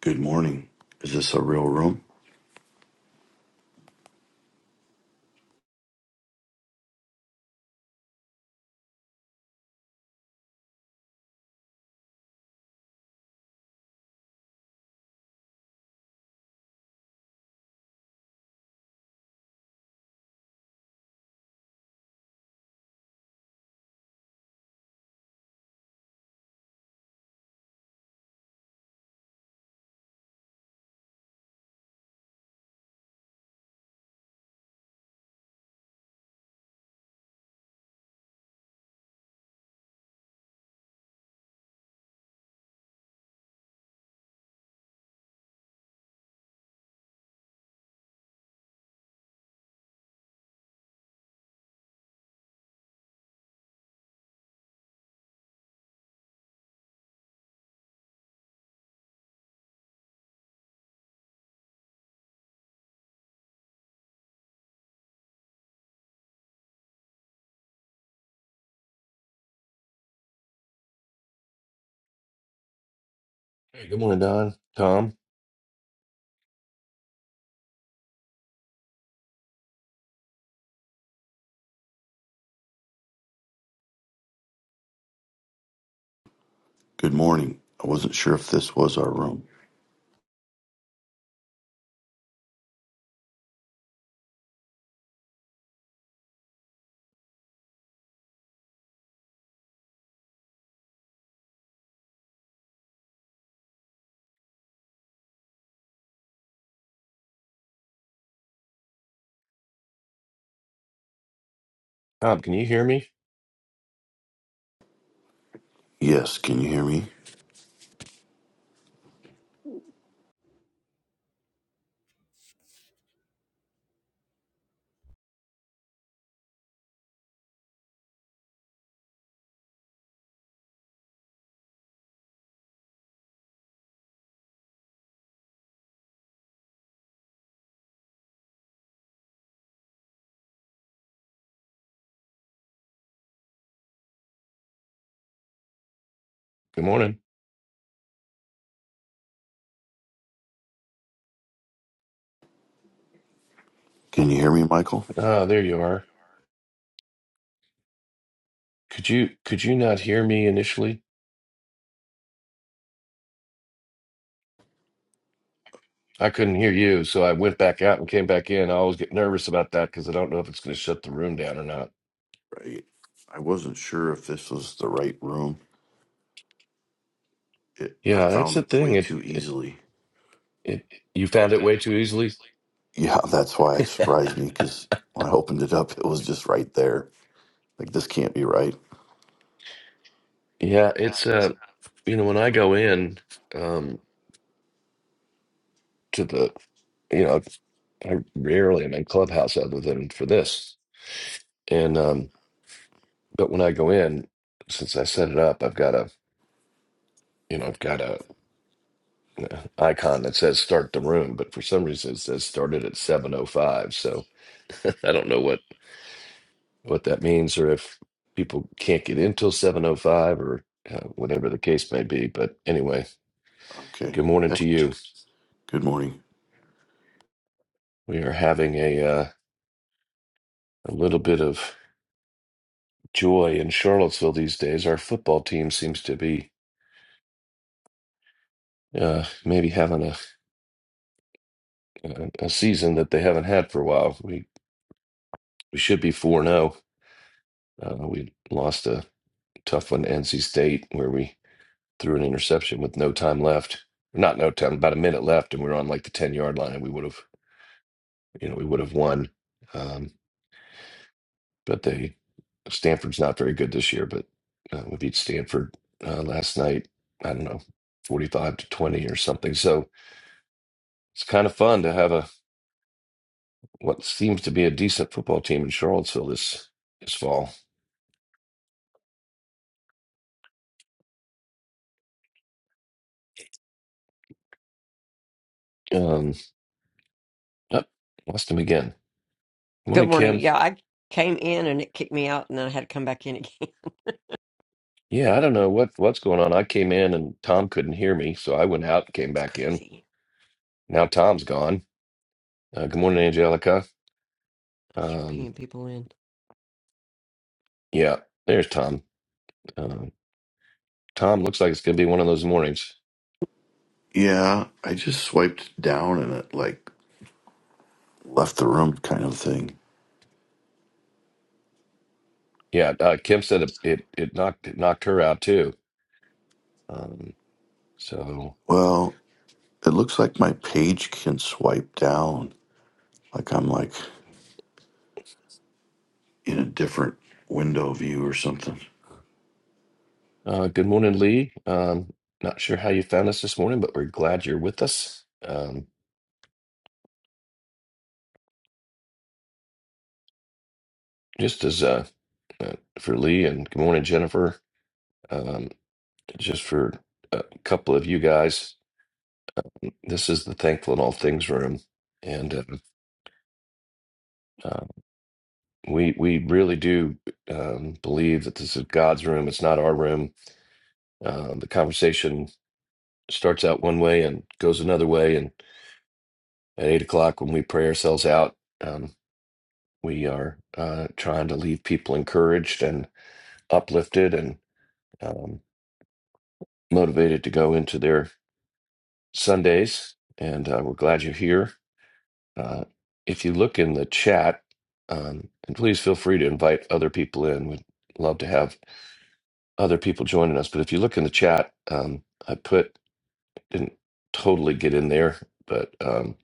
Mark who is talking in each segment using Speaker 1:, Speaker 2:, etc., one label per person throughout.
Speaker 1: Good morning. Is this a real room?
Speaker 2: Hey, good morning, Don. Tom,
Speaker 1: Good morning. I wasn't sure if this was our room.
Speaker 2: Tom, can you hear me?
Speaker 1: Yes, can you hear me?
Speaker 2: Good morning.
Speaker 1: Can you hear me, Michael?
Speaker 2: Ah, there you are. Could you could you not hear me initially? I couldn't hear you, so I went back out and came back in. I always get nervous about that because I don't know if it's going to shut the room down or not.
Speaker 1: Right. I wasn't sure if this was the right room. It, I
Speaker 2: Yeah, that's
Speaker 1: found
Speaker 2: the
Speaker 1: it
Speaker 2: thing.
Speaker 1: way
Speaker 2: It
Speaker 1: too
Speaker 2: it
Speaker 1: easily.
Speaker 2: it you found it way too easily.
Speaker 1: Yeah, that's why it surprised me because when I opened it up, it was just right there. Like, this can't be right.
Speaker 2: Yeah, it's uh, you know, when I go in um to the, you know, I rarely am in Clubhouse other than for this. And um, but when I go in, since I set it up, I've got a, you know, I've got a icon that says start the room, but for some reason it says started at 7:05. So I don't know what what that means or if people can't get in till 7:05 or uh, whatever the case may be. But anyway,
Speaker 1: Okay.
Speaker 2: good morning
Speaker 1: That-
Speaker 2: to you.
Speaker 1: Good morning.
Speaker 2: We are having a uh, a little bit of joy in Charlottesville these days. Our football team seems to be uh, maybe having a a a season that they haven't had for a while. We we should be 4-0. Uh, we lost a tough one to NC State where we Through an interception with no time left. Not no time, about a minute left, and we were on like the ten yard line, and we would have, you know, we would have won. Um, but they, Stanford's not very good this year, but uh, we beat Stanford uh, last night. I don't know, forty five to twenty or something. So it's kind of fun to have a what seems to be a decent football team in Charlottesville this this fall. Um, oh, lost him again.
Speaker 3: Good
Speaker 2: Morning,
Speaker 3: morning.
Speaker 2: Kim.
Speaker 3: Yeah, I came in and it kicked me out, and then I had to come back in again.
Speaker 2: Yeah, I don't know what what's going on. I came in and Tom couldn't hear me, so I went out and came
Speaker 3: It's
Speaker 2: back in
Speaker 3: crazy.
Speaker 2: Now Tom's gone. Uh, good morning, Angelica.
Speaker 3: Start
Speaker 2: Um,
Speaker 3: pinging people in.
Speaker 2: yeah, there's Tom. Uh, Tom looks like it's going to be one of those mornings.
Speaker 1: Yeah, I just swiped down and it like left the room kind of thing.
Speaker 2: Yeah, uh, Kim said it, it it knocked it knocked her out too. Um, so
Speaker 1: Well, It looks like my page can swipe down, like I'm like in a different window view or something.
Speaker 2: uh, good morning, Lee. Um, not sure how you found us this morning, but we're glad you're with us. Um, just as uh, uh, for Lee and good morning, Jennifer. Um, just for a couple of you guys, this is the Thankful in All Things room, and. Uh, uh, We we really do um, believe that this is God's room. It's not our room. Um, the conversation starts out one way and goes another way. And at eight o'clock, when we pray ourselves out, um, we are uh, trying to leave people encouraged and uplifted and um, motivated to go into their Sundays. And uh, we're glad you're here. Uh, if you look in the chat, um, and please feel free to invite other people in. We'd love to have other people joining us, but if you look in the chat, um, I put didn't totally get in there, but um,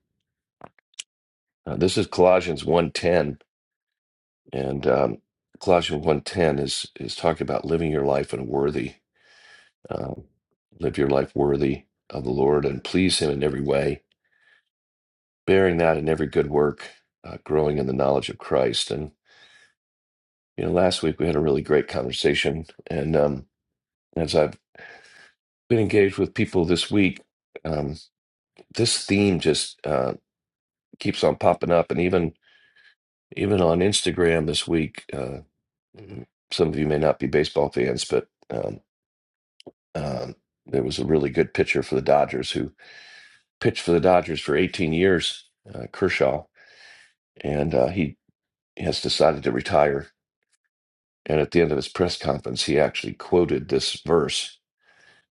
Speaker 2: uh, this is Colossians one ten, and um, Colossians one ten is is talking about living your life and worthy, um, live your life worthy of the Lord and please Him in every way, bearing that in every good work, uh, growing in the knowledge of Christ. And you know, last week we had a really great conversation, and um, as I've been engaged with people this week, um, this theme just uh, keeps on popping up, and even even on Instagram this week. Uh, mm, some of you may not be baseball fans, but um, um, there was a really good pitcher for the Dodgers who pitched for the Dodgers for 18 years, uh, Kershaw, and uh, he has decided to retire. And at the end of his press conference, he actually quoted this verse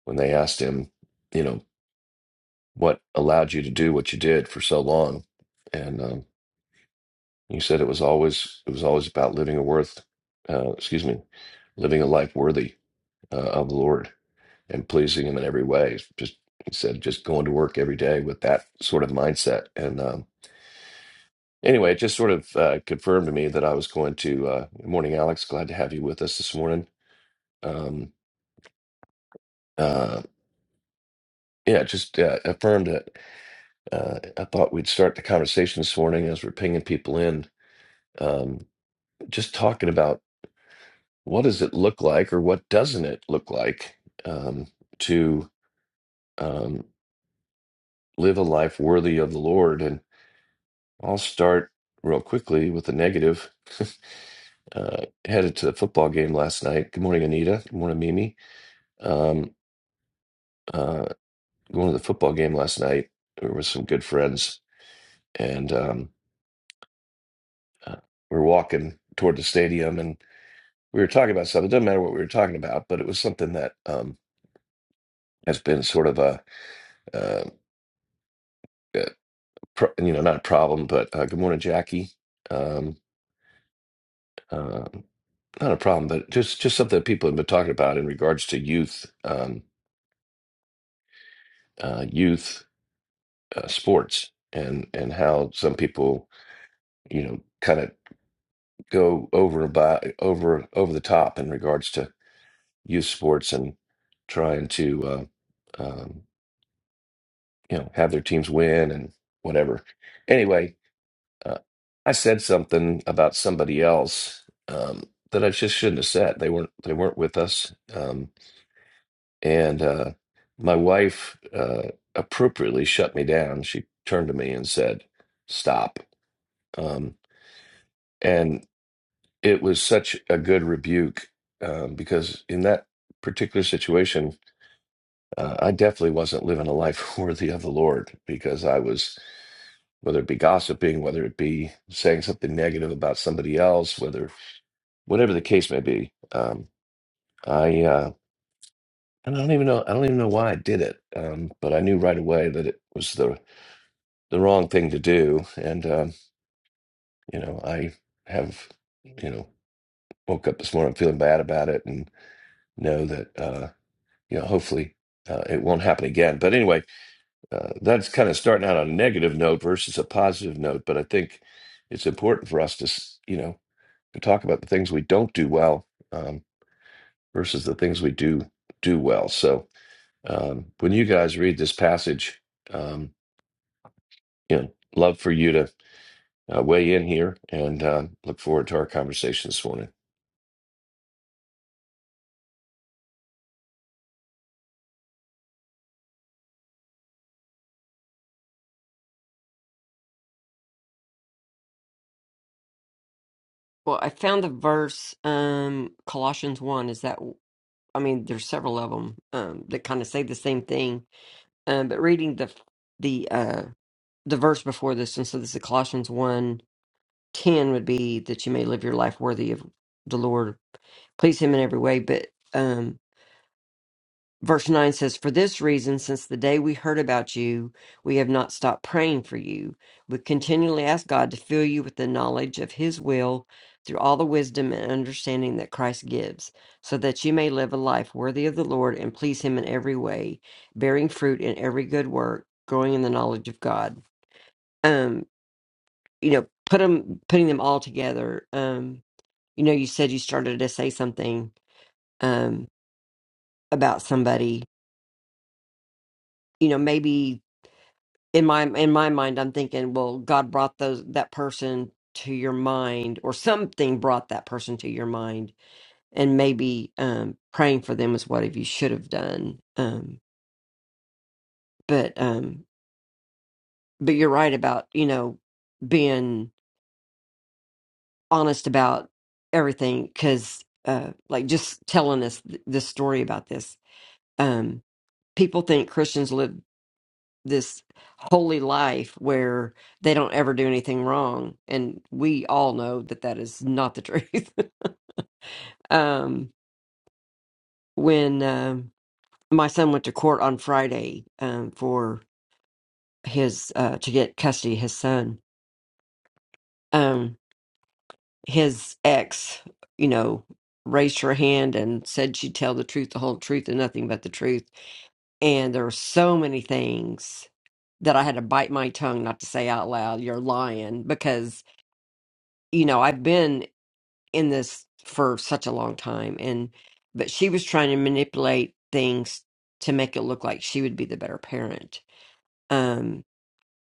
Speaker 2: when they asked him, you know, what allowed you to do what you did for so long, and um, You said it was always it was always about living a worth, uh, excuse me, living a life worthy uh, of the Lord and pleasing Him in every way. Just he said, just going to work every day with that sort of mindset. And um, anyway, it just sort of uh, confirmed to me that I was going to. Uh, good morning, Alex. Glad to have you with us this morning. Um, uh, yeah, it just uh, affirmed that uh, I thought we'd start the conversation this morning as we're pinging people in. Um, just talking about what does it look like or what doesn't it look like um, to um, live a life worthy of the Lord? And I'll start real quickly with the negative. Uh, headed to the football game last night. Good morning, Anita. Good morning, Mimi. Um, uh, going to the football game last night we were with some good friends, and um, uh, we were walking toward the stadium, and we were talking about something. It doesn't matter what we were talking about, but it was something that um, has been sort of a uh, pro- you know, not a problem, but uh, good morning, Jackie. Um, uh, not a problem, but just just something that people have been talking about in regards to youth, um, uh, youth uh, sports, and and how some people, you know, kind of go over by over over the top in regards to youth sports and trying to, uh, um, you know, have their teams win and whatever. Anyway. Uh, I said something about somebody else um, that I just shouldn't have said. They weren't they weren't with us, um, and uh, my wife uh, appropriately shut me down. She turned to me and said, "Stop," um, and it was such a good rebuke um, because in that particular situation, uh, I definitely wasn't living a life worthy of the Lord because I was whether it be gossiping, whether it be saying something negative about somebody else, whether whatever the case may be. Um, I uh, and I don't even know I don't even know why I did it, um, but I knew right away that it was the the wrong thing to do, and um, you know I have you know woke up this morning feeling bad about it, and know that uh, you know hopefully. Uh, it won't happen again. But anyway, uh, that's kind of starting out on a negative note versus a positive note. But I think it's important for us to, s- you know, to talk about the things we don't do well um, versus the things we do do well. So Um, when you guys read this passage, um, you know, love for you to uh, weigh in here and uh, look forward to our conversation this morning.
Speaker 3: Well, I found the verse, um, Colossians 1. Is that, I mean, there's several of them um, that kind of say the same thing. Um, but reading the the uh, the verse before this, and so this is Colossians 1 10 would be that you may live your life worthy of the Lord, please Him in every way. But um, verse 9 says, For this reason, since the day we heard about you, we have not stopped praying for you. We continually ask God to fill you with the knowledge of His will through all the wisdom and understanding that Christ gives, so that you may live a life worthy of the Lord and please Him in every way, bearing fruit in every good work, growing in the knowledge of God. Um, you know, put them, putting them all together. um, you know you said you started to say something um about somebody you know maybe in my in my mind i'm thinking well god brought those that person to your mind or something brought that person to your mind and maybe um praying for them is what you should have done um but um but you're right about you know being honest about everything cuz uh like just telling us th- this story about this um people think Christians live this holy life where they don't ever do anything wrong and we all know that that is not the truth um when um my son went to court on friday um for his uh to get custody of his son um his ex you know raised her hand and said she'd tell the truth the whole truth and nothing but the truth and there were so many things that i had to bite my tongue not to say out loud you're lying because you know, I've been in this for such a long time and but she was trying to manipulate things to make it look like she would be the better parent um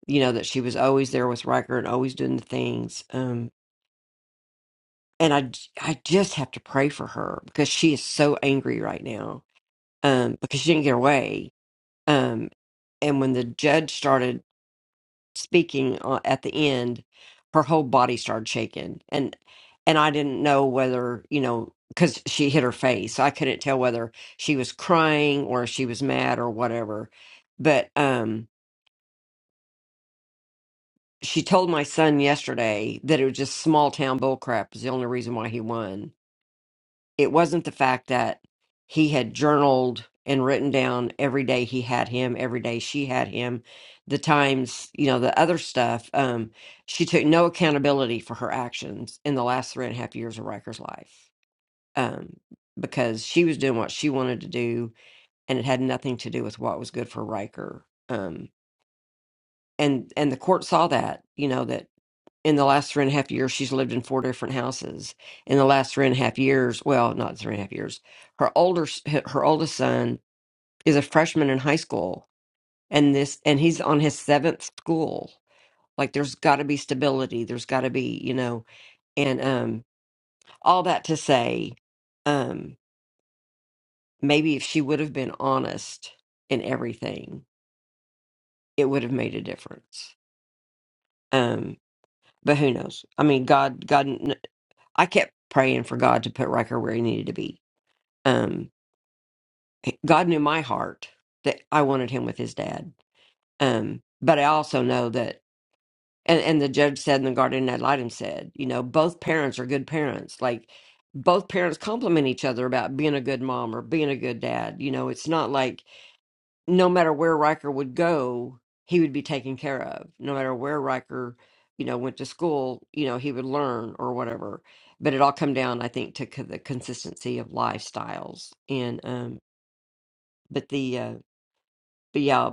Speaker 3: you know that she was always there with Riker and always doing the things um and I j- I just have to pray for her because she is so angry right now um because she didn't get away um and when the judge started speaking uh, at the end, her whole body started shaking, and and I didn't know whether you know because she hit her face, I couldn't tell whether she was crying or she was mad or whatever. But um, she told my son yesterday that it was just small town bullcrap is the only reason why he won it wasn't the fact that he had journaled and written down every day he had him every day she had him the times you know the other stuff um she took no accountability for her actions in the last three and a half years of Riker's life um because she was doing what she wanted to do and it had nothing to do with what was good for Riker um and and the court saw that you know that in the last three and a half years, she's lived in four different houses. In the last three and a half years, well, not three and a half years, her older s- her oldest son is a freshman in high school, and this and he's on his seventh school. Like, there's got to be stability. There's got to be, you know, and um, all that to say, um, maybe if she would have been honest in everything, it would have made a difference. Um, but who knows? I mean, God, God, kn- I kept praying for God to put Riker where he needed to be um god knew my heart that i wanted him with his dad um but i also know that and and the judge said and the guardian ad litem said you know both parents are good parents like both parents compliment each other about being a good mom or being a good dad you know it's not like no matter where Riker would go he would be taken care of no matter where Riker you know went to school you know he would learn or whatever but it all come down i think to co- the consistency of lifestyles and um but the uh but yeah,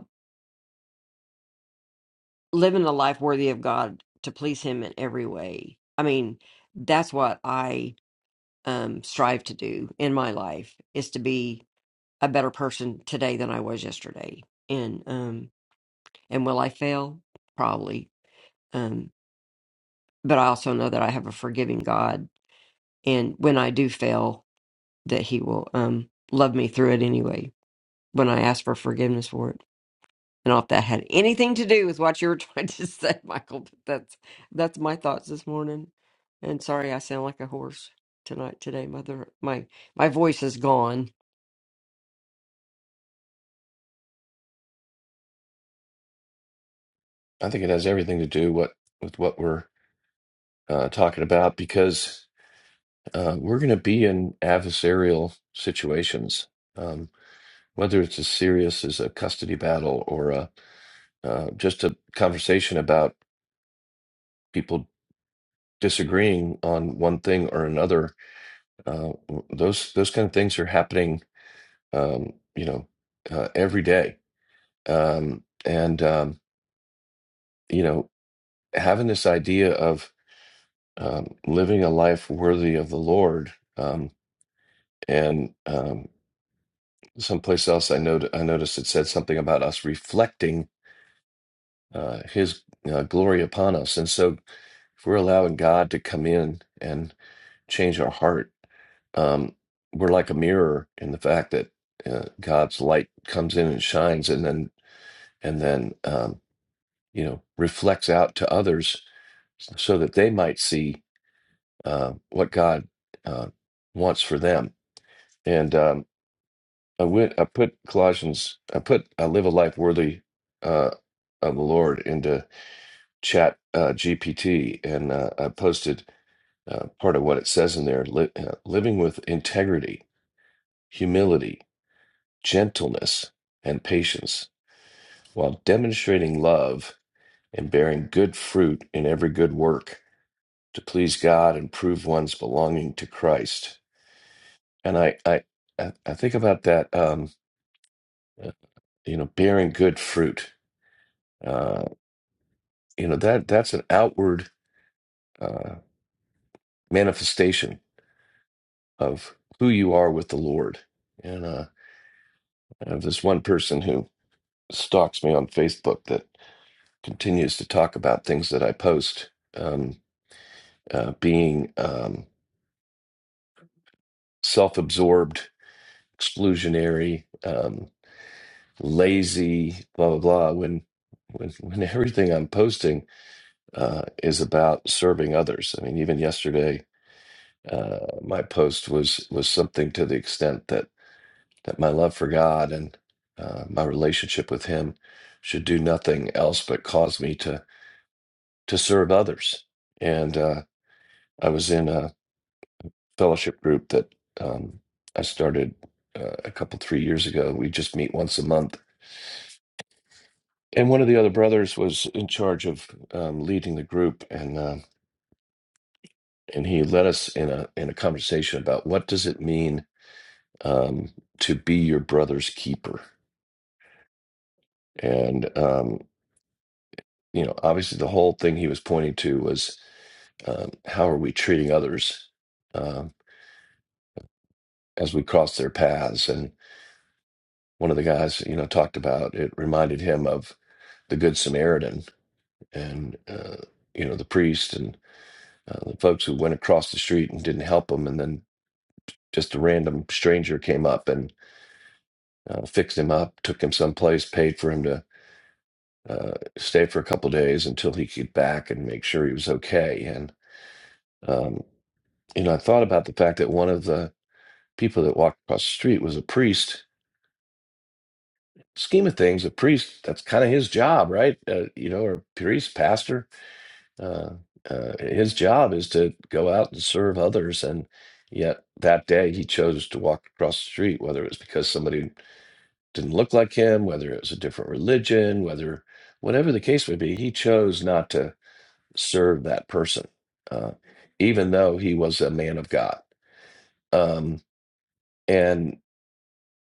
Speaker 3: living a life worthy of God to please Him in every way. I mean, that's what I um, strive to do in my life is to be a better person today than I was yesterday. And um, and will I fail? Probably. Um, but I also know that I have a forgiving God, and when I do fail, that He will um, love me through it anyway. When I ask for forgiveness for it. I not if that had anything to do with what you were trying to say, Michael, but that's that's my thoughts this morning. And sorry, I sound like a horse tonight, today, mother. My my voice is gone.
Speaker 2: I think it has everything to do what with what we're uh, talking about because uh, we're going to be in adversarial situations, um, whether it's as serious as a custody battle or a, uh, just a conversation about people disagreeing on one thing or another. Uh, those those kind of things are happening um, you know, uh, every day. Um, and, um, you know, having this idea of um, living a life worthy of the Lord. Um, and um, someplace else I, not- I noticed it said something about us reflecting uh, his uh, glory upon us. And so if we're allowing God to come in and change our heart, um, we're like a mirror in the fact that uh, God's light comes in and shines, and then and then um, you know reflects out to others so that they might see uh, what God uh, wants for them. And um, I went, I put Colossians, I put I live a life worthy uh, of the Lord into Chat uh, GPT, and uh, I posted uh, part of what it says in there: li- uh, living with integrity, humility, gentleness, and patience, while demonstrating love and bearing good fruit in every good work to please God and prove one's belonging to Christ. And I, I, I I think about that. Um, uh, you know, bearing good fruit. Uh, you know that that's an outward uh, manifestation of who you are with the Lord. And uh, I have this one person who stalks me on Facebook that continues to talk about things that I post, um, uh, being um, self-absorbed, exclusionary. Um, lazy, blah blah blah. When when when everything I'm posting uh, is about serving others. I mean, even yesterday, uh, my post was was something to the extent that that my love for God and uh, my relationship with Him should do nothing else but cause me to to serve others. And uh, I was in a fellowship group that um, I started uh, a couple three years ago. We just meet once a month and one of the other brothers was in charge of um, leading the group, and uh, and he led us in a in a conversation about what does it mean um, to be your brother's keeper, and um, you know, obviously the whole thing he was pointing to was um, how are we treating others um as we cross their paths, and one of the guys you know talked about it reminded him of the Good Samaritan and uh, you know the priest and uh, the folks who went across the street and didn't help them, and then Just a random stranger came up and uh, fixed him up, took him someplace, paid for him to uh, stay for a couple days until he could back and make sure he was okay. And um, you know, I thought about the fact that one of the people that walked across the street was a priest. Scheme of things, a priest, that's kind of his job, right? Uh, you know, or priest, pastor. Uh, uh, his job is to go out and serve others. And yet that day he chose to walk across the street, whether it was because somebody didn't look like him, whether it was a different religion, whether whatever the case may be, he chose not to serve that person, uh, even though he was a man of God. Um, and,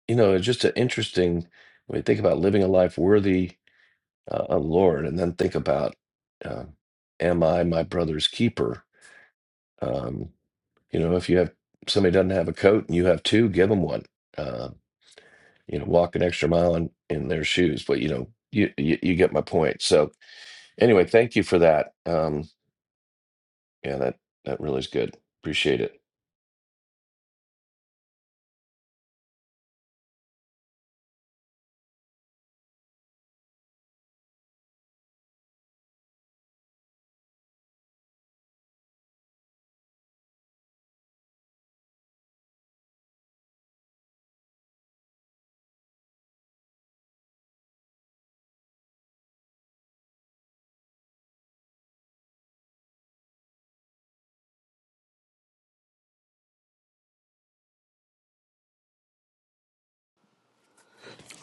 Speaker 2: you know, it's just an interesting when you think about living a life worthy uh, of the Lord and then think about, um, am I my brother's keeper? Um, you know, if you have somebody doesn't have a coat and you have two, give them one. Um, you know, walk an extra mile in, in their shoes, but you know, you, you you get my point. So, Anyway, thank you for that. Um, yeah, that that really is good. Appreciate it.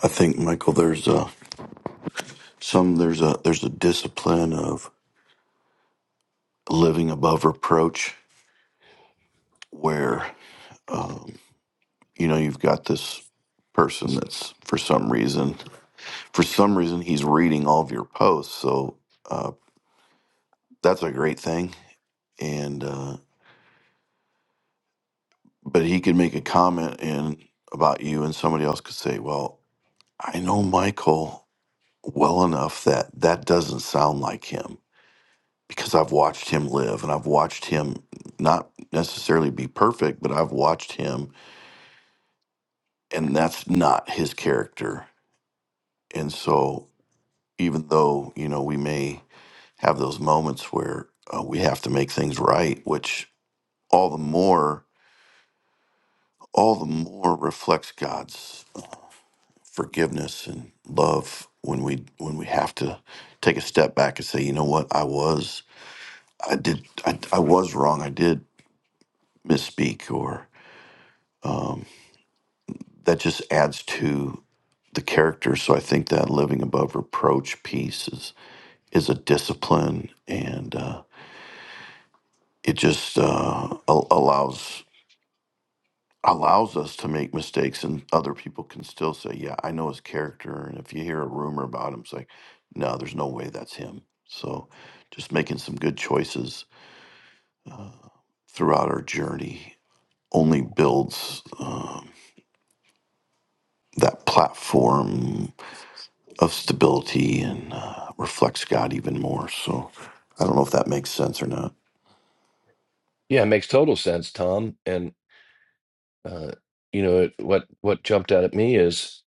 Speaker 1: I think Michael, there's a some there's a there's a discipline of living above reproach where um, you know you've got this person that's for some reason for some reason he's reading all of your posts, so uh, that's a great thing. And uh, but he could make a comment in about you, and somebody else could say, "Well, I know Michael." well enough that that doesn't sound like him because I've watched him live and I've watched him not necessarily be perfect, but I've watched him and that's not his character. And so, even though, you know, we may have those moments where uh, we have to make things right, which all the more, all the more reflects God's forgiveness and love when we when we have to take a step back and say, you know what, I was I did. I, I was wrong. I did misspeak or um, that just adds to the character. So I think that living above reproach piece is, is a discipline and uh, it just uh, al- allows allows us to make mistakes and other people can still say, yeah, I know his character. And if you hear a rumor about him, it's like, no, there's no way that's him. So just making some good choices uh, throughout our journey only builds um, that platform of stability and uh, reflects God even more. So I don't know if that makes sense or not.
Speaker 2: Yeah, it makes total sense, Tom. And uh, you know it, what what jumped out at me is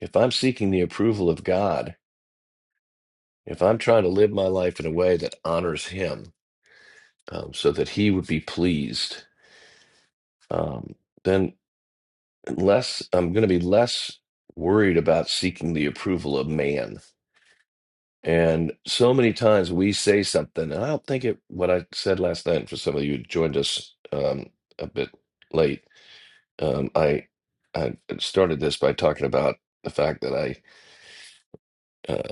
Speaker 2: if I'm seeking the approval of God, if I'm trying to live my life in a way that honors Him, um, so that He would be pleased, um, then less I'm going to be less worried about seeking the approval of man And so many times we say something, and I don't think it, what I said last night, for some of you who joined us um, a bit late, um, I, I started this by talking about the fact that I, uh,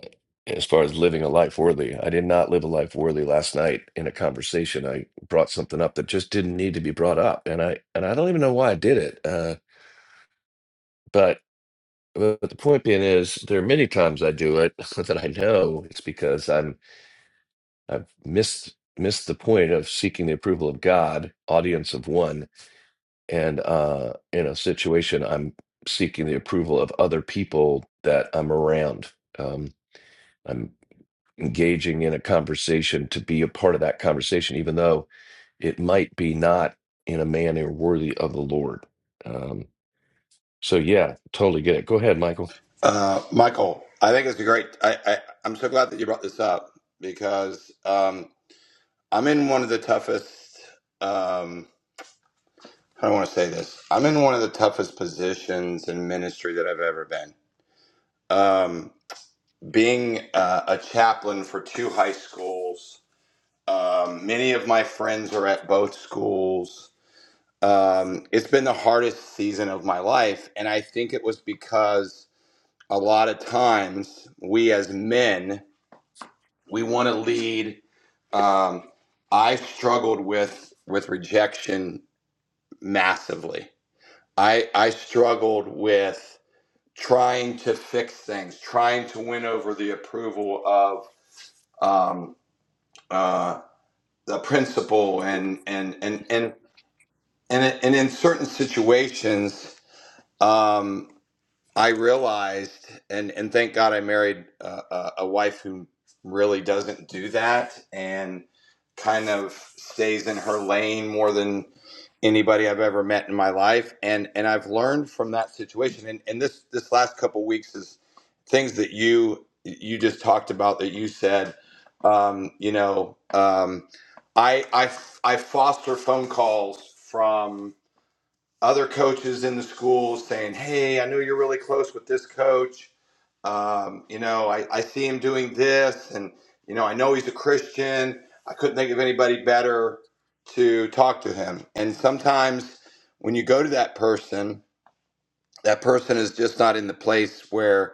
Speaker 2: as far as living a life worthy, I did not live a life worthy last night in a conversation. I brought something up that just didn't need to be brought up. And I, and I don't even know why I did it. Uh, but, but the point being is, there are many times I do it that I know it's because I'm I've missed missed the point of seeking the approval of God, audience of one, and uh, in a situation I'm seeking the approval of other people that I'm around. Um, I'm engaging in a conversation to be a part of that conversation, even though it might be not in a manner worthy of the Lord. Um, so yeah, totally get it. Go ahead, Michael.
Speaker 4: Uh, Michael, I think it's a great. I, I I'm so glad that you brought this up because um, I'm in one of the toughest. Um, how do I want to say this? I'm in one of the toughest positions in ministry that I've ever been. Um, being uh, a chaplain for two high schools, um, many of my friends are at both schools. Um, it's been the hardest season of my life, and I think it was because a lot of times we as men we want to lead um, i struggled with with rejection massively i i struggled with trying to fix things trying to win over the approval of um, uh, the principal and and and and and, and in certain situations um, I realized, and and thank God I married uh, a, a wife who really doesn't do that and kind of stays in her lane more than anybody I've ever met in my life. And and I've learned from that situation. And and this this last couple weeks is things that you you just talked about that you said. Um, you know, um, I I I foster phone calls from other coaches in the schools saying, "Hey, I know you're really close with this coach. Um, you know, I, I see him doing this, and you know, I know he's a Christian. I couldn't think of anybody better to talk to him." And sometimes when you go to that person, that person is just not in the place where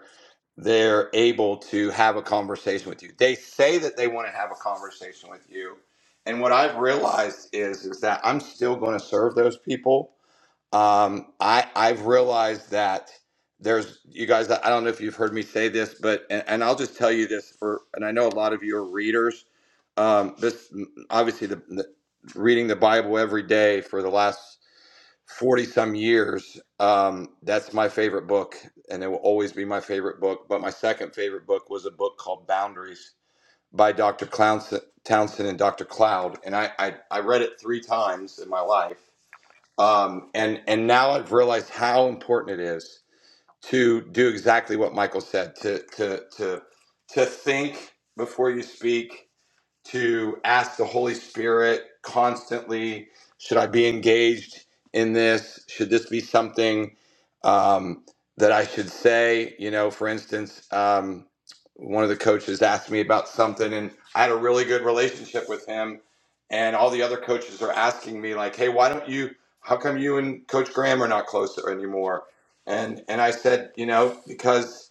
Speaker 4: they're able to have a conversation with you. They say that they want to have a conversation with you. And what I've realized is is that I'm still going to serve those people um, I I've realized that there's you guys. I don't know if you've heard me say this, but and, and I'll just tell you this for. And I know a lot of you are readers. Um, this obviously the, the reading the Bible every day for the last forty some years. Um, that's my favorite book, and it will always be my favorite book. But my second favorite book was a book called Boundaries by Dr. Clownson, Townsend and Dr. Cloud, and I, I I read it three times in my life um, and and now I've realized how important it is to do exactly what Michael said to to to to think before you speak, to ask the Holy Spirit constantly should I be engaged in this? Should this be something um, that I should say? You know, for instance, um, one of the coaches asked me about something, and I had a really good relationship with him. And all the other coaches are asking me, like, hey, why don't you, how come you and Coach Graham are not closer anymore? And, and I said, you know, because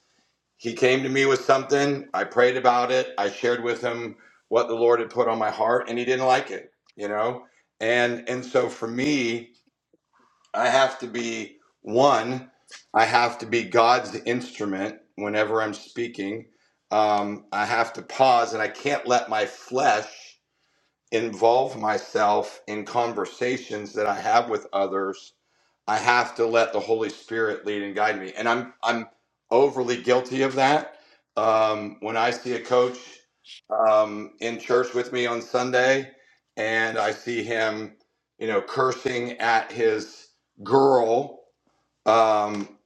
Speaker 4: he came to me with something. I prayed about it. I shared with him what the Lord had put on my heart, and he didn't like it, you know. And and so for me, I have to be one. I have to be God's instrument whenever I'm speaking. Um, I have to pause, and I can't let my flesh involve myself in conversations that I have with others I have to let the Holy Spirit lead and guide me. And I'm I'm overly guilty of that. Um, when I see a coach um, in church with me on Sunday, and I see him, you know, cursing at his girl um,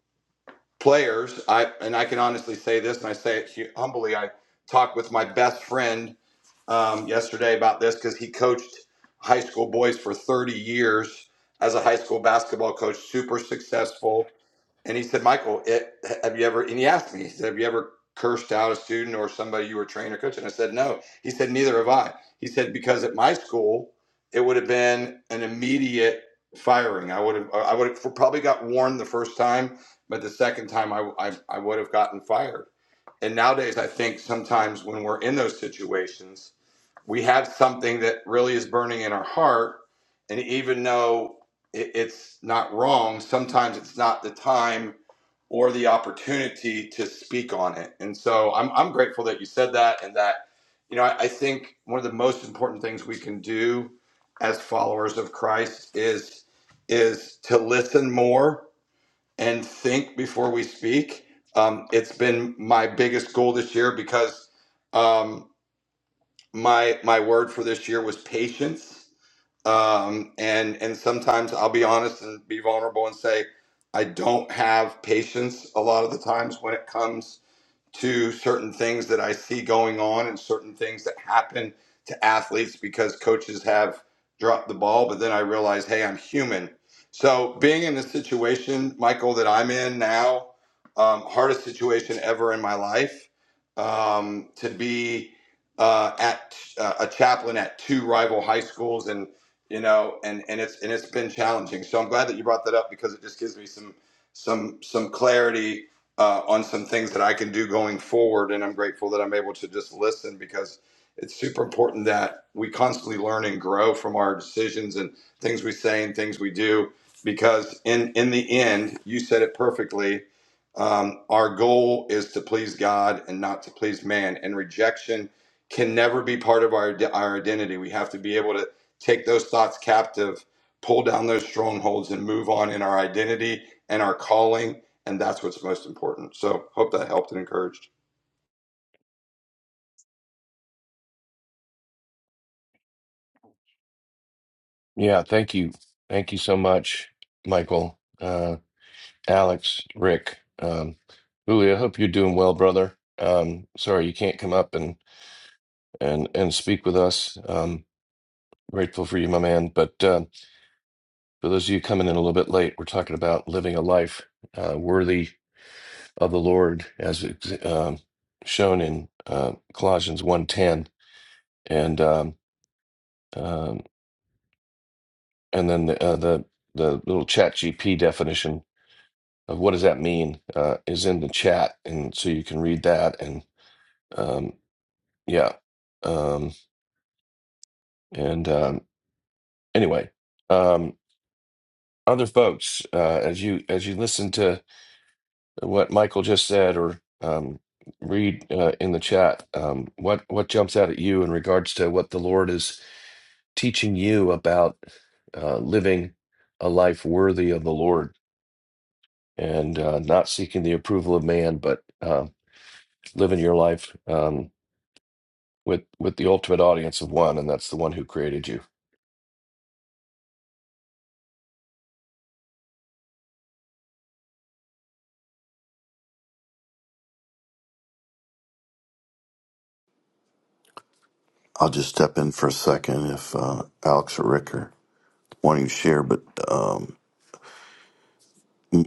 Speaker 4: players, I and I can honestly say this, and I say it hu- humbly. I talked with my best friend um, yesterday about this because he coached high school boys for 30 years as a high school basketball coach, super successful. And he said, Michael, it, have you ever, and he asked me, he said, have you ever cursed out a student or somebody you were training or coaching? I said, no. He said, neither have I. He said, because at my school, it would have been an immediate firing. I would have, uh, I would have probably got warned the first time, but the second time I, I, I would have gotten fired. And nowadays, I think sometimes when we're in those situations, we have something that really is burning in our heart and even though it, it's not wrong sometimes it's not the time or the opportunity to speak on it and so i'm, I'm grateful that you said that and that you know I, I think one of the most important things we can do as followers of christ is is to listen more and think before we speak um, it's been my biggest goal this year because um, my my word for this year was patience. Um, and and sometimes I'll be honest and be vulnerable and say I don't have patience a lot of the times when it comes to certain things that I see going on and certain things that happen to athletes because coaches have dropped the ball. But then I realize, hey, I'm human. So being in the situation, Michael, that I'm in now, um, hardest situation ever in my life, um, to be uh, at uh, a chaplain at two rival high schools and you know and and it's and it's been challenging so i'm glad that you brought that up because it just gives me some some some clarity uh, on some things that I can do going forward. And I'm grateful that I'm able to just listen because it's super important that we constantly learn and grow from our decisions and things we say and things we do. Because in in the end, you said it perfectly. Um, our goal is to please God and not to please man. And rejection can never be part of our our identity. We have to be able to take those thoughts captive, pull down those strongholds, and move on in our identity and our calling and that's what's most important. So hope that helped and encouraged.
Speaker 2: Yeah, thank you, thank you so much, Michael. Uh, Alex, Rick, um, Uli, I hope you're doing well, brother. Um, sorry you can't come up and and and speak with us. Um, grateful for you, my man. But um for those of you coming in a little bit late, we're talking about living a life uh, worthy of the Lord, as it's, um, shown in uh, Colossians one ten, and um, um, and then the, uh, the the little Chat GP definition of what does that mean uh, is in the chat, and so you can read that and. Um, Yeah. Um, and um, anyway, um, other folks, uh, as you as you listen to what Michael just said or um, read uh, in the chat, um, what what jumps out at you in regards to what the Lord is teaching you about uh, living a life worthy of the Lord and uh, not seeking the approval of man, but uh, living your life um, with with the ultimate audience of one, and that's the one who created you.
Speaker 1: I'll just step in for a second if uh, Alex or Rick are wanting to share. But um,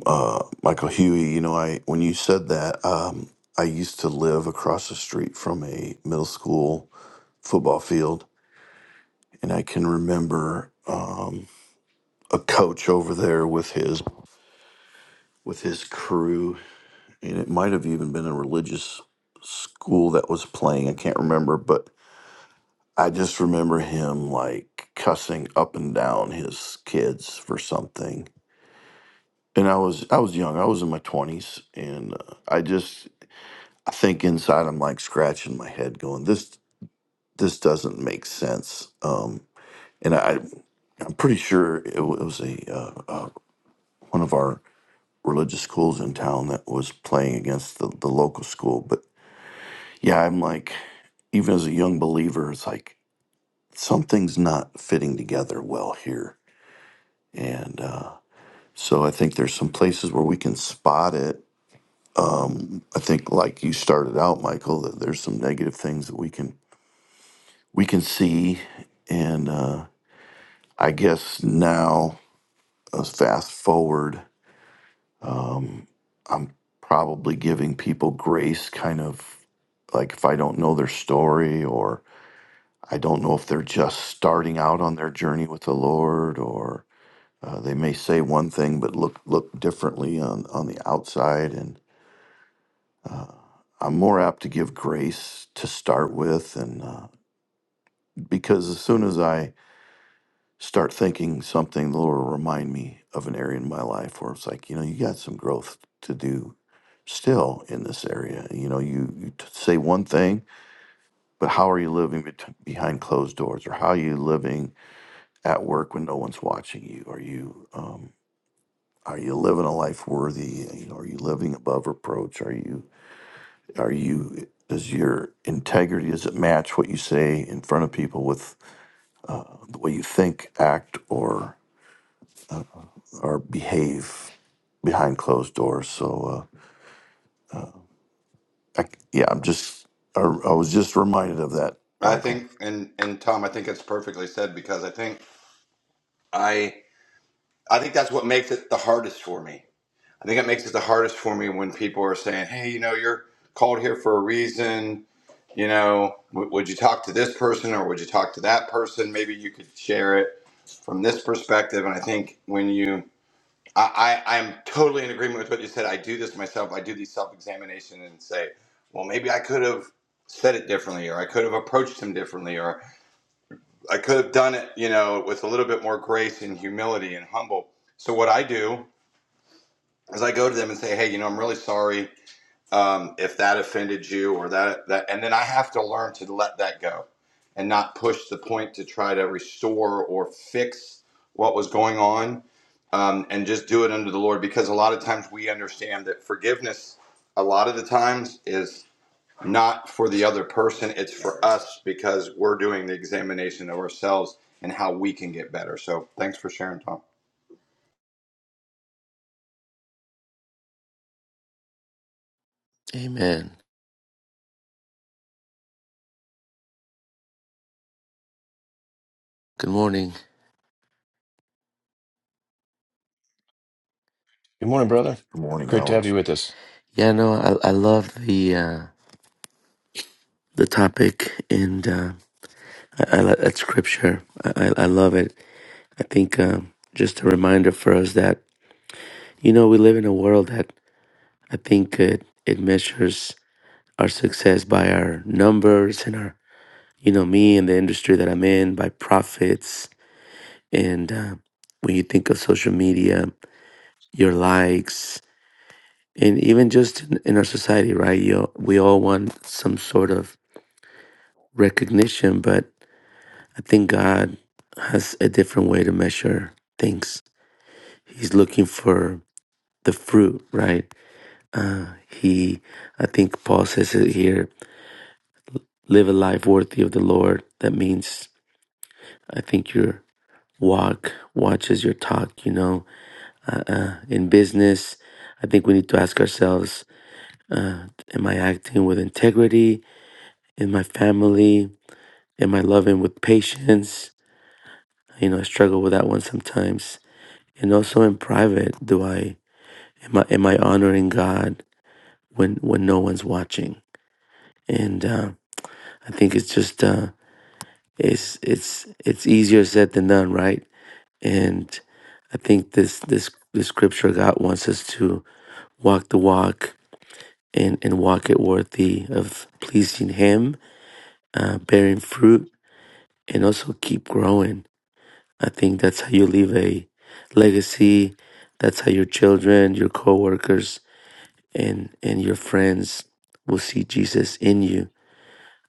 Speaker 1: uh, Michael Huey, you know, I when you said that, um, I used to live across the street from a middle school football field, and I can remember um, a coach over there with his with his crew, and it might have even been a religious school that was playing. I can't remember, but I just remember him like cussing up and down his kids for something. And I was I was young. I was in my 20s and uh, I just I think inside I'm like scratching my head going this this doesn't make sense. Um and I I'm pretty sure it wa- it was a uh, uh, one of our religious schools in town that was playing against the, the local school. But yeah, I'm like, even as a young believer, it's like something's not fitting together well here. And uh, so I think there's some places where we can spot it. Um, I think, like you started out, Michael, that there's some negative things that we can we can see. And uh, I guess now, uh, fast forward, um, I'm probably giving people grace, kind of like if I don't know their story or I don't know if they're just starting out on their journey with the Lord or Uh, they may say one thing but look look differently on on the outside, and uh, I'm more apt to give grace to start with, and uh, because as soon as I start thinking something, the Lord will remind me of an area in my life where it's like you know you got some growth to do still in this area. You know, you, you t- say one thing, but how are you living bet- behind closed doors, or how are you living at work when no one's watching you? Are you um, Are you living a life worthy? You know, Are you living above reproach? Are you are you does your integrity does it match what you say in front of people with the way you think, act, or or behave behind closed doors? So uh, I, yeah, I'm just I, I was just reminded of that,
Speaker 4: I
Speaker 1: Michael.
Speaker 4: think, and and Tom, I think it's perfectly said because I think I I think that's what makes it the hardest for me. I think it makes it the hardest for me when people are saying, "Hey, you know, you're called here for a reason. You know, w- would you talk to this person or would you talk to that person? Maybe you could share it from this perspective." And I think when you I, I I'm totally in agreement with what you said. I do this myself. I do these self examination and say, well, maybe I could have said it differently, or I could have approached him differently, or I could have done it, you know, with a little bit more grace and humility and humble. So what I do is I go to them and say, hey, you know, I'm really sorry um, if that offended you or that that and then i have to learn to let that go and not push the point to try to restore or fix what was going on um, and just do it under the lord because a lot of times we understand that forgiveness a lot of the times is not for the other person it's for us because we're doing the examination of ourselves and how we can get better so thanks for sharing tom
Speaker 5: Amen. Good morning.
Speaker 2: Good morning, brother.
Speaker 1: Good morning,
Speaker 2: Great to have you
Speaker 1: Alex.
Speaker 2: with us.
Speaker 5: Yeah, no, I I love the uh, the topic and uh, I, I lo- that scripture. I I I love it. I think um, just a reminder for us that you know we live in a world that I think it it measures our success by our numbers and our you know me and the industry that I'm in by profits and uh, when you think of social media, your likes and even just in, in our society, right? You we all want some sort of recognition, but I think God has a different way to measure things. He's looking for the fruit, right? He, I think Paul says it here live a life worthy of the Lord. That means, I think your walk watches your talk, you know. Uh, in business, I think we need to ask ourselves Am I acting with integrity in my family? Am I loving with patience? You know, I struggle with that one sometimes and also in private do i am I am I honoring God when when no one's watching? And uh, I think it's just uh, it's it's it's easier said than done, right? And I think this this this scripture God wants us to walk the walk and and walk it worthy of pleasing Him, uh, bearing fruit, and also keep growing. I think that's how you leave a legacy. That's how your children, your coworkers, and and your friends will see Jesus in you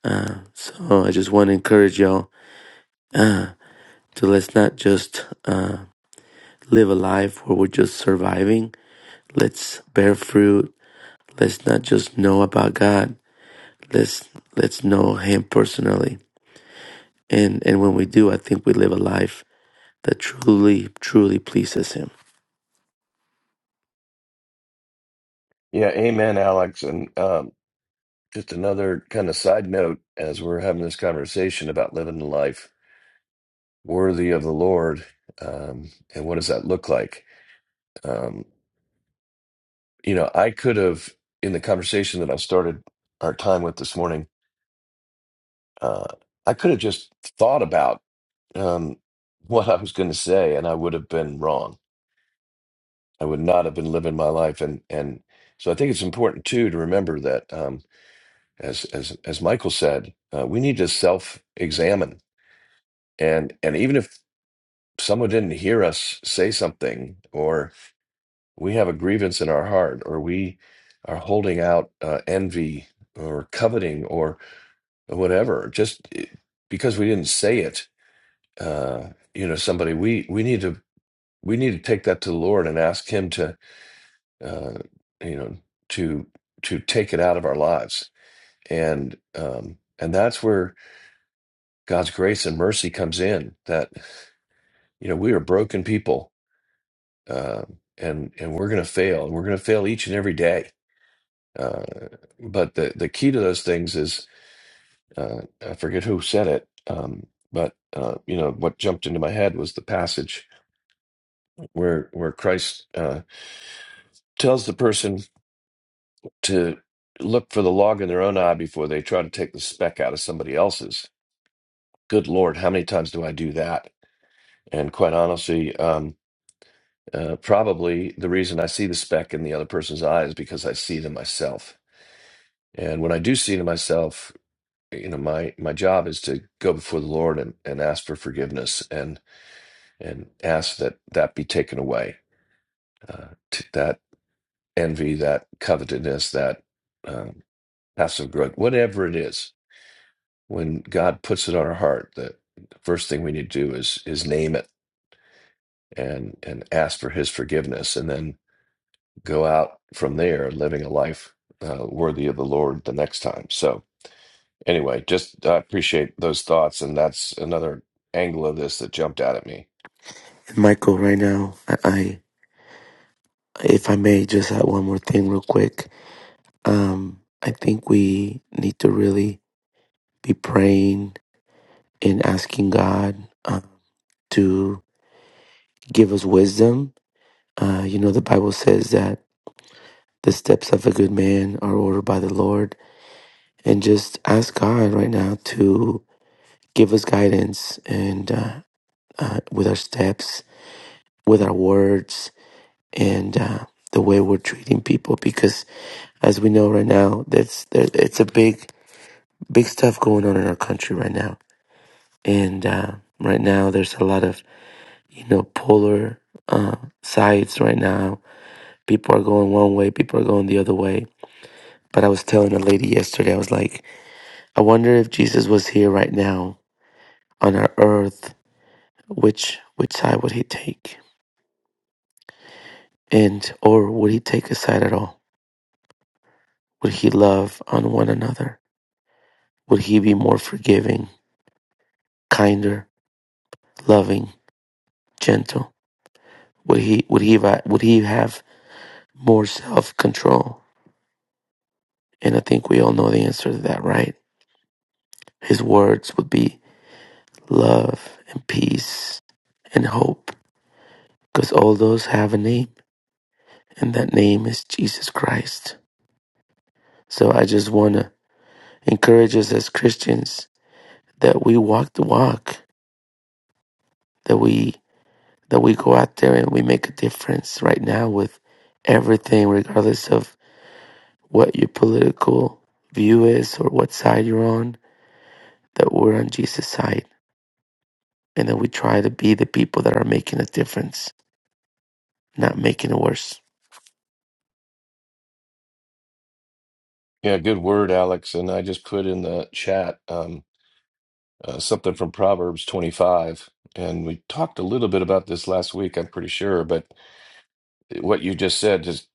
Speaker 5: Uh, so I just want to encourage y'all uh, to let's not just uh, live a life where we're just surviving. Let's bear fruit. Let's not just know about God. Let's let's know Him personally. And and when we do, I think we live a life that truly truly pleases Him.
Speaker 2: Yeah, amen, Alex. And um, just another kind of side note as we're having this conversation about living a life worthy of the Lord, um, and what does that look like? Um, you know, I could have, in the conversation that I started our time with this morning, uh, I could have just thought about um, what I was going to say, and I would have been wrong. I would not have been living my life, and and so I think it's important too to remember that. Um, as as as Michael said, uh, we need to self-examine, and and even if someone didn't hear us say something, or we have a grievance in our heart, or we are holding out uh, envy or coveting or whatever, just eh, because we didn't say it, uh, you know, somebody we we need to we need to take that to the Lord and ask Him to, uh, you know, to to take it out of our lives, and um, and that's where God's grace and mercy comes in that you know we are broken people uh, and and we're going to fail and we're going to fail each and every day uh, but the the key to those things is uh, I forget who said it um, but uh, you know what jumped into my head was the passage where where Christ uh, tells the person to look for the log in their own eye before they try to take the speck out of somebody else's good lord how many times do I do that and quite honestly um, Uh, probably the reason I see the speck in the other person's eye is because I see them myself. And when I do see them myself, you know, my my job is to go before the Lord and, and ask for forgiveness and and ask that that be taken away. Uh, t- that envy, that covetousness, that um, passive growth, whatever it is, when God puts it on our heart, the first thing we need to do is is name it and and ask for His forgiveness, and then go out from there living a life uh, worthy of the Lord the next time. So, anyway, just I appreciate those thoughts. And that's another angle of this that jumped out at me.
Speaker 5: And Michael, right now, I, I if I may just add one more thing real quick. Um, I think we need to really be praying and asking God uh, to give us wisdom. Uh, you know, the Bible says that the steps of a good man are ordered by the Lord. And just ask God right now to give us guidance and uh, uh, with our steps, with our words, and uh, the way we're treating people. Because as we know right now, that's that it's a big, big stuff going on in our country right now. And uh, right now, there's a lot of you know polar uh, sides right now. People are going one way, people are going the other way But I was telling a lady yesterday, I was like, I wonder if Jesus was here right now on our earth, which which side would he take? And or would he take a side at all? Would he love on one another? Would he be more forgiving, kinder, loving, gentle? Would he would he would he have more self control? And I think we all know the answer to that, right? His words would be love and peace and hope, because all those have a name and that name is Jesus Christ. So I just want to encourage us as Christians that we walk the walk, that we that we go out there and we make a difference right now with everything regardless of what your political view is or what side you're on, that we're on Jesus' side and that we try to be the people that are making a difference, not making it worse.
Speaker 2: Yeah, good word, Alex. And I just put in the chat um, uh, something from Proverbs 25. And we talked a little bit about this last week, I'm pretty sure. But what you just said just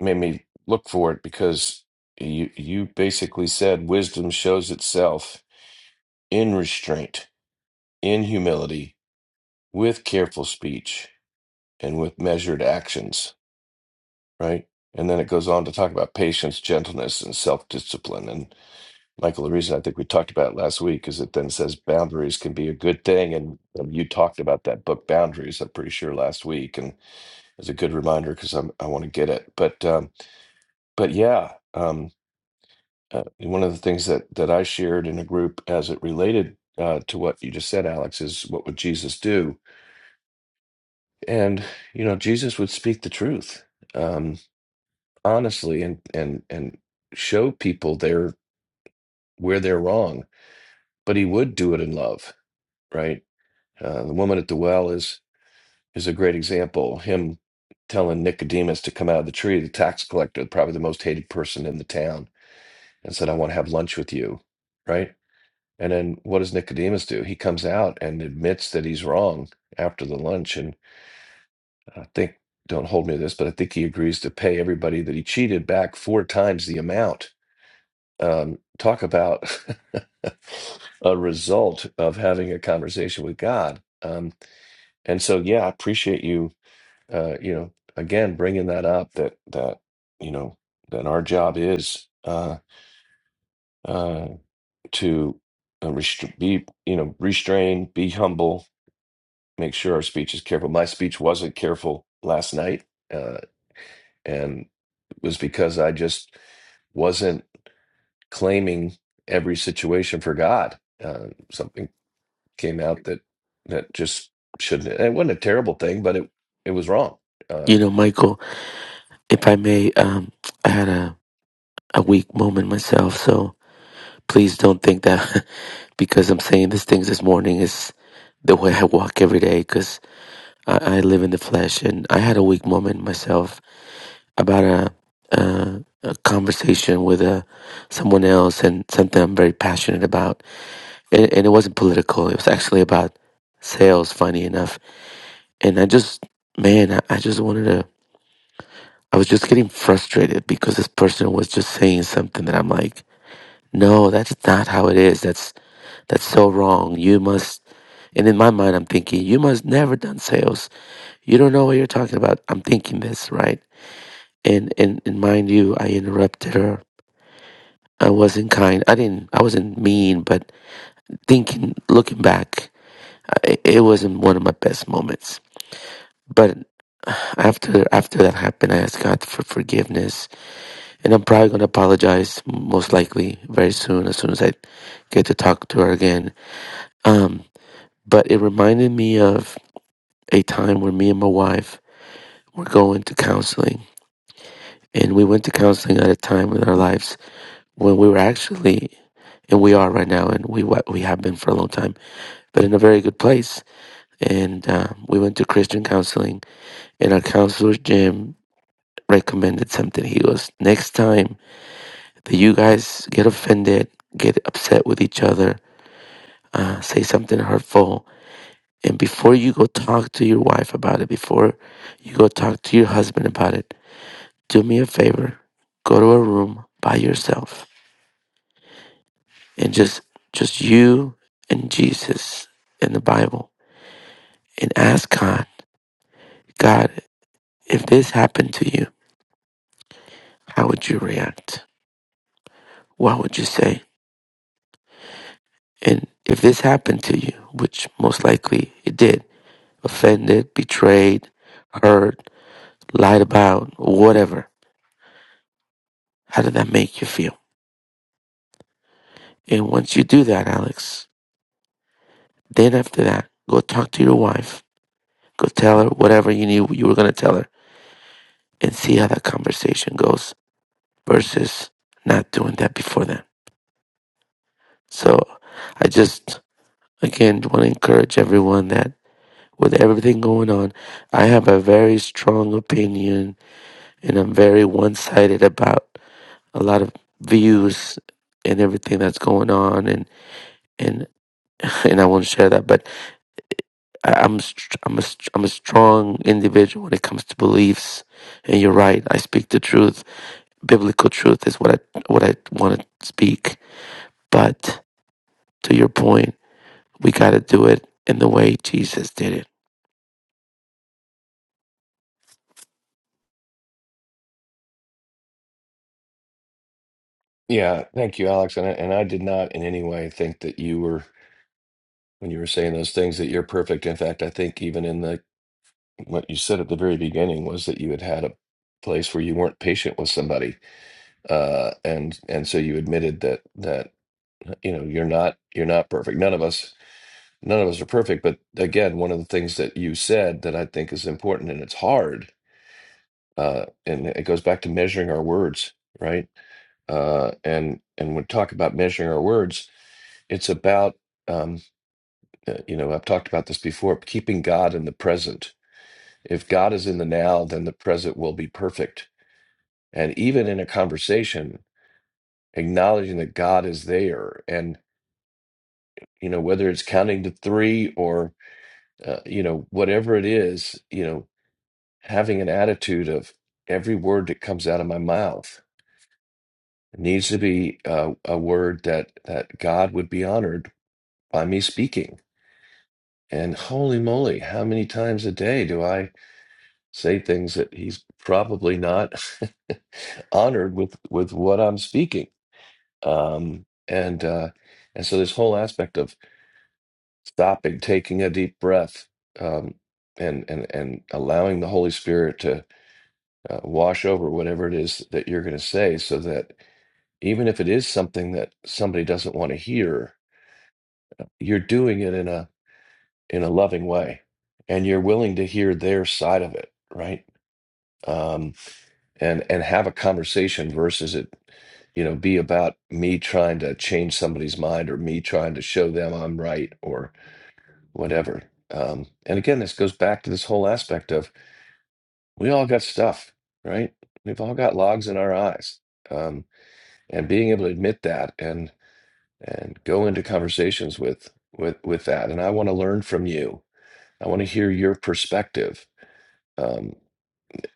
Speaker 2: made me look for it because you, you basically said wisdom shows itself in restraint, in humility, with careful speech and with measured actions, right? And then it goes on to talk about patience, gentleness, and self discipline. And Michael, the reason I think we talked about it last week is it then says boundaries can be a good thing. And um, you talked about that book, Boundaries, I'm pretty sure last week. And it's a good reminder because I want to get it. But, um, but yeah, um, uh, one of the things that, that I shared in a group as it related uh, to what you just said, Alex, is what would Jesus do? and you know Jesus would speak the truth um honestly and and and show people their where they're wrong but he would do it in love right uh, the woman at the well is is a great example him telling Nicodemus to come out of the tree the tax collector probably the most hated person in the town and said I want to have lunch with you right and then what does Nicodemus do he comes out and admits that he's wrong after the lunch and. I think, don't hold me to this, but I think he agrees to pay everybody that he cheated back four times the amount. Um, talk about a result of having a conversation with God. Um, and so, yeah, I appreciate you, uh, you know, again, bringing that up that, that, you know, that our job is uh, uh, to uh, restra- be, you know, restrain, be humble, make sure our speech is careful. My speech wasn't careful last night. Uh, and was because I just wasn't claiming every situation for God. Uh, something came out that that just shouldn't. It wasn't a terrible thing, but it it was wrong. Uh,
Speaker 5: You know, Michael, if I may, um, I had a, a weak moment myself, so Please don't think that because I'm saying these things this morning is the way I walk every day because I, I live in the flesh. And I had a weak moment myself about a, a, a conversation with a, someone else and something I'm very passionate about. And, and it wasn't political, it was actually about sales, funny enough. And I just, man, I, I just wanted to, I was just getting frustrated because this person was just saying something that I'm like, no, that's not how it is. That's That's so wrong. You must, and in my mind, I'm thinking, you must never done sales. You don't know what you're talking about. I'm thinking this, right? And and, and mind you, I interrupted her. I wasn't kind. I didn't. I wasn't mean, but thinking, looking back, I, it wasn't one of my best moments. But after after that happened, I asked God for forgiveness, and I'm probably gonna apologize most likely very soon, as soon as I get to talk to her again. Um, but it reminded me of a time where me and my wife were going to counseling. And we went to counseling at a time in our lives when we were actually, and we are right now, and we we have been for a long time, but in a very good place. And uh, we went to Christian counseling, and our counselor, Jim, recommended something. He goes, Next time that you guys get offended, get upset with each other, uh, say something hurtful, and before you go talk to your wife about it, before you go talk to your husband about it, do me a favor go to a room by yourself and just just you and jesus and the bible and ask god god if this happened to you how would you react what would you say and if this happened to you which most likely it did offended betrayed hurt lied about whatever how did that make you feel and once you do that alex then after that go talk to your wife go tell her whatever you knew you were going to tell her and see how that conversation goes versus not doing that before then. So I just, again, want to encourage everyone that with everything going on, I have a very strong opinion and I'm very one sided about a lot of views and everything that's going on and and and I won't share that but I, I'm str- I'm a, str- I'm a strong individual when it comes to beliefs and you're right I speak the truth biblical truth is what I what I want to speak But to your point, we got to do it in the way Jesus did it.
Speaker 2: yeah, thank you, Alex. And I, and I did not in any way think that you were when you were saying those things that you're perfect. In fact, I think even in the what you said at the very beginning was that you had had a place where you weren't patient with somebody uh, and and so you admitted that that you know you're not you're not perfect. None of us none of us are perfect. But again, one of the things that you said that I think is important, and it's hard, uh, and it goes back to measuring our words, right? Uh, and and when we talk about measuring our words, it's about um, uh, you know I've talked about this before, keeping God in the present. If God is in the now, then the present will be perfect. And even in a conversation, acknowledging that God is there and you know whether it's counting to three or uh, you know whatever it is you know having an attitude of every word that comes out of my mouth needs to be uh, a word that that god would be honored by me speaking and holy moly how many times a day do i say things that he's probably not honored with with what i'm speaking um and uh and so this whole aspect of stopping, taking a deep breath, um, and and and allowing the Holy Spirit to uh, wash over whatever it is that you're going to say, so that even if it is something that somebody doesn't want to hear, you're doing it in a in a loving way, and you're willing to hear their side of it, right? Um, and and have a conversation versus it, you know, be about me trying to change somebody's mind or me trying to show them I'm right or whatever. Um, and again, this goes back to this whole aspect of we all got stuff, right? We've all got logs in our eyes, um, and being able to admit that and and go into conversations with with with that. And I want to learn from you. I want to hear your perspective. Um,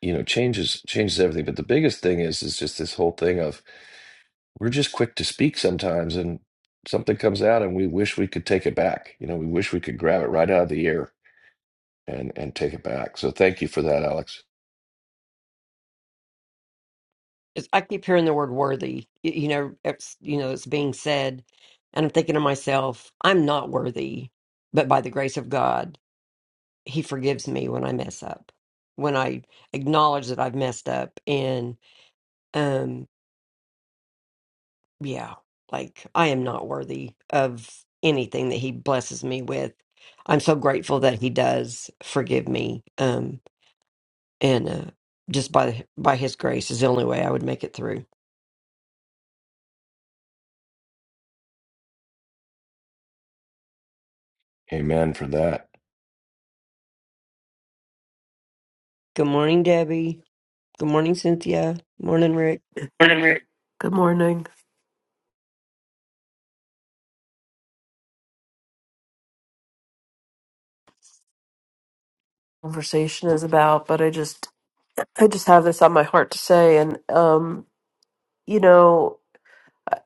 Speaker 2: you know, changes changes everything. But the biggest thing is is just this whole thing of we're just quick to speak sometimes, and something comes out, and we wish we could take it back. You know, we wish we could grab it right out of the air and and take it back. So thank you for that, Alex.
Speaker 3: It's, I keep hearing the word worthy. You, you know, it's you know it's being said, and I'm thinking to myself, I'm not worthy, but by the grace of God, He forgives me when I mess up, when I acknowledge that I've messed up, and um, yeah, like I am not worthy of anything that he blesses me with. I'm so grateful that he does forgive me. Um, and uh, just by by his grace is the only way I would make it through.
Speaker 2: Amen for that.
Speaker 3: Good morning, Debbie. Good morning, Cynthia. Morning, Rick.
Speaker 6: Morning, Rick. good morning conversation is about but i just i just have this on my heart to say and um you know I-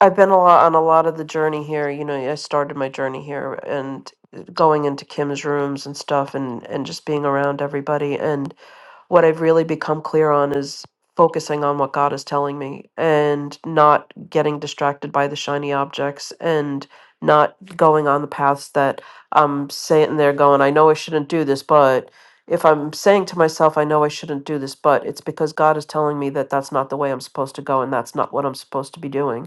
Speaker 6: i've been a lot on a lot of the journey here you know i started my journey here and going into kim's rooms and stuff and and just being around everybody what I've really become clear on is focusing on what God is telling me and not getting distracted by the shiny objects and not going on the paths that I'm sitting there going, I know I shouldn't do this, but if I'm saying to myself, I know I shouldn't do this, but it's because God is telling me that that's not the way I'm supposed to go and that's not what I'm supposed to be doing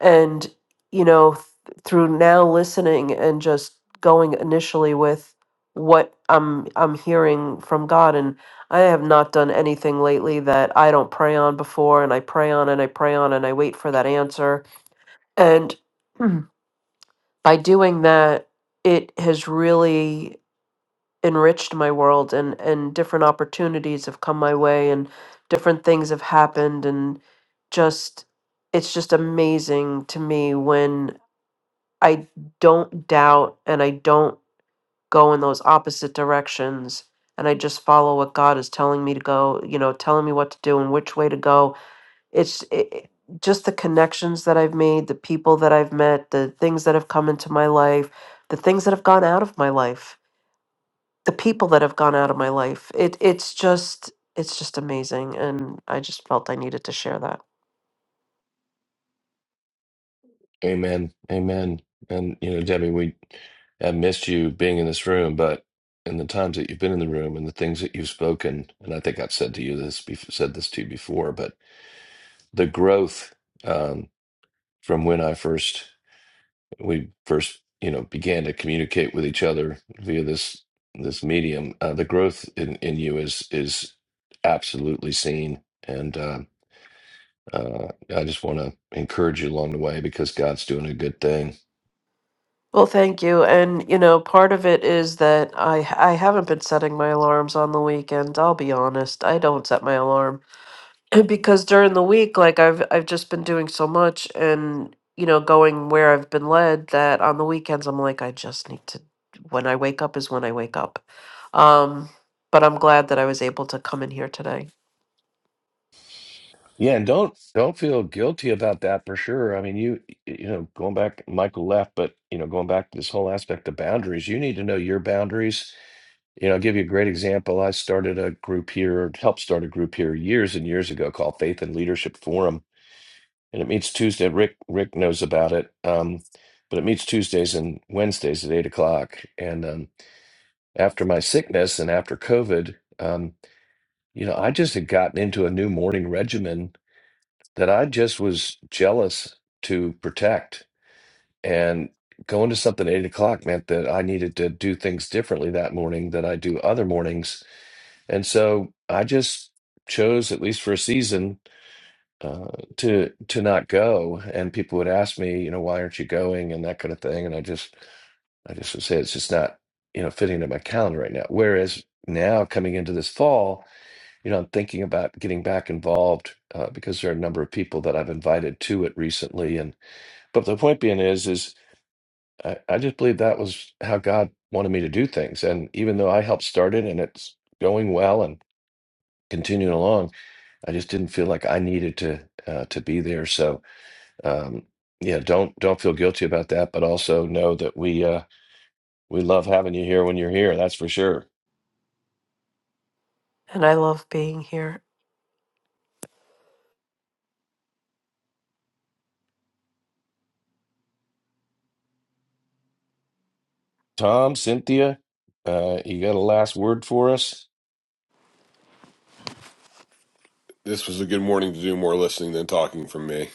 Speaker 6: and you know th- through now listening and just going initially with what i'm i'm hearing from god and i have not done anything lately that i don't pray on before and i pray on and i pray on and i wait for that answer and Mhm. by doing that it has really enriched my world and and different opportunities have come my way and different things have happened and just it's just amazing to me when I don't doubt and I don't go in those opposite directions. And I just follow what God is telling me to go, you know, telling me what to do and which way to go. It's it, it- just the connections that I've made, the people that I've met, the things that have come into my life, the things that have gone out of my life, the people that have gone out of my life. It it's just it's just amazing and I just felt I needed to share that.
Speaker 2: Amen. Amen. And you know, Debbie, we have missed you being in this room, but in the times that you've been in the room and the things that you've spoken, and I think I've said to you this, bef- said this to you before, but the growth um, from when I first we first you know began to communicate with each other via this this medium, uh, the growth in in you is is absolutely seen. And uh, Uh, I just want to encourage you along the way because God's doing a good thing.
Speaker 6: Well, thank you. And, you know, part of it is that I I haven't been setting my alarms on the weekend. I'll be honest. I don't set my alarm. because during the week like i've i've just been doing so much and you know going where i've been led that on the weekends i'm like i just need to when i wake up is when i wake up um but i'm glad that i was able to come in here today
Speaker 2: Yeah, and don't don't feel guilty about that for sure. I mean, you you know, going back, Michael left, but you know, going back to this whole aspect of boundaries, you need to know your boundaries. You know, I'll give you a great example. I started a group here, helped start a group here years and years ago called Faith and Leadership Forum, and it meets Tuesday. Rick Rick knows about it, um, but it meets Tuesdays and Wednesdays at eight o'clock. And um, after my sickness and after COVID. Um, You know, I just had gotten into a new morning regimen that I just was jealous to protect. And going to something at eight o'clock meant that I needed to do things differently that morning than I do other mornings. And so I just chose, at least for a season, uh, to to not go. And people would ask me, you know, why aren't you going and that kind of thing. And I just I just would say it's just not, you know, fitting into my calendar right now. Whereas now coming into this fall, you know, I'm thinking about getting back involved uh, because there are a number of people that I've invited to it recently. And but the point being is, is I, I just believe that was how God wanted me to do things. And even though I helped start it and it's going well and continuing along, I just didn't feel like I needed to uh, to be there. So um, yeah, don't don't feel guilty about that, but also know that we uh, we love having you here when you're here. That's for sure.
Speaker 6: and i love being here
Speaker 2: Tom, Cynthia, uh, you got a last word for us?
Speaker 7: This was a good morning to do more listening than talking from me.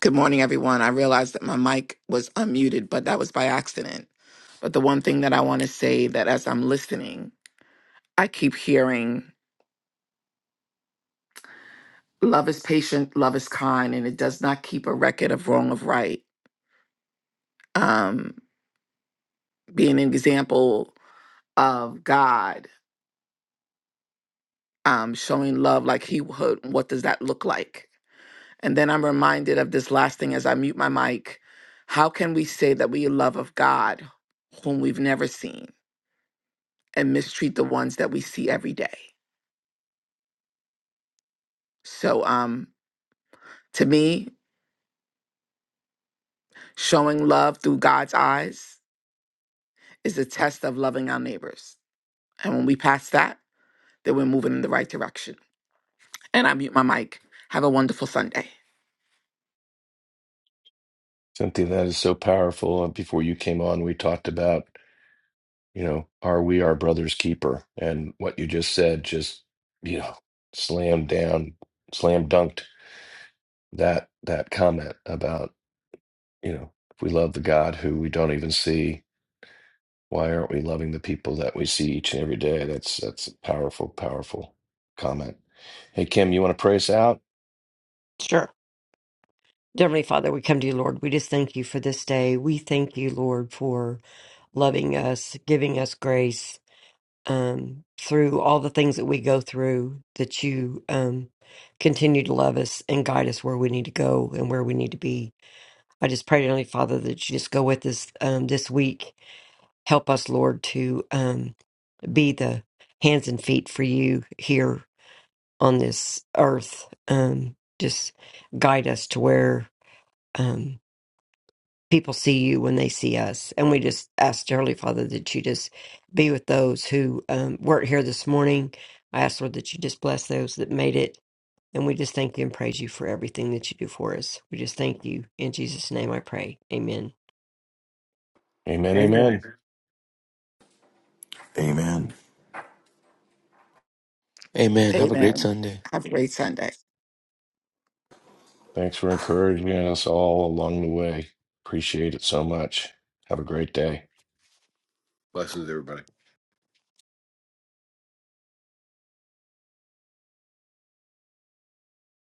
Speaker 8: Good morning, everyone. I realized that my mic was unmuted, but that was by accident. But the one thing that I want to say that as I'm listening, I keep hearing love is patient, love is kind, and it does not keep a record of wrong of right. Um, being an example of God, um, showing love like He would, what does that look like? And then I'm reminded of this last thing as I mute my mic. How can we say that we love of God whom we've never seen and mistreat the ones that we see every day? So, um, to me, showing love through God's eyes is a test of loving our neighbors. And when we pass that, then we're moving in the right direction. And I mute my mic. Have a wonderful Sunday.
Speaker 2: Something that is so powerful. And Before you came on, we talked about, you know, are we our brother's keeper? And what you just said just, you know, slam down, slam dunked that that comment about, you know, if we love the God who we don't even see, Why aren't we loving the people that we see each and every day? That's that's a powerful, powerful comment. Hey Kim, you want to pray us out?
Speaker 3: Sure. Dear Heavenly Father, we come to you, Lord. We just thank you for this day. We thank you, Lord, for loving us, giving us grace, um, through all the things that we go through, that you um, continue to love us and guide us where we need to go and where we need to be. I just pray, Heavenly Father, that you just go with us um, this week. Help us, Lord, to um, be the hands and feet for you here on this earth. Um, just guide us to where. Um, people see you when they see us. And we just asked Heavenly Father that you just be with those who um, weren't here this morning. I ask Lord that you just bless those that made it. And we just thank you and praise you for everything that you do for us. We just thank you. In Jesus' name I pray. Amen.
Speaker 2: Amen, amen.
Speaker 1: Amen.
Speaker 5: Amen. Have a great
Speaker 8: Amen.
Speaker 5: Sunday.
Speaker 8: Have a great Sunday.
Speaker 2: Thanks for encouraging us all along the way. Appreciate it so much. Have a great day.
Speaker 7: Blessings, everybody.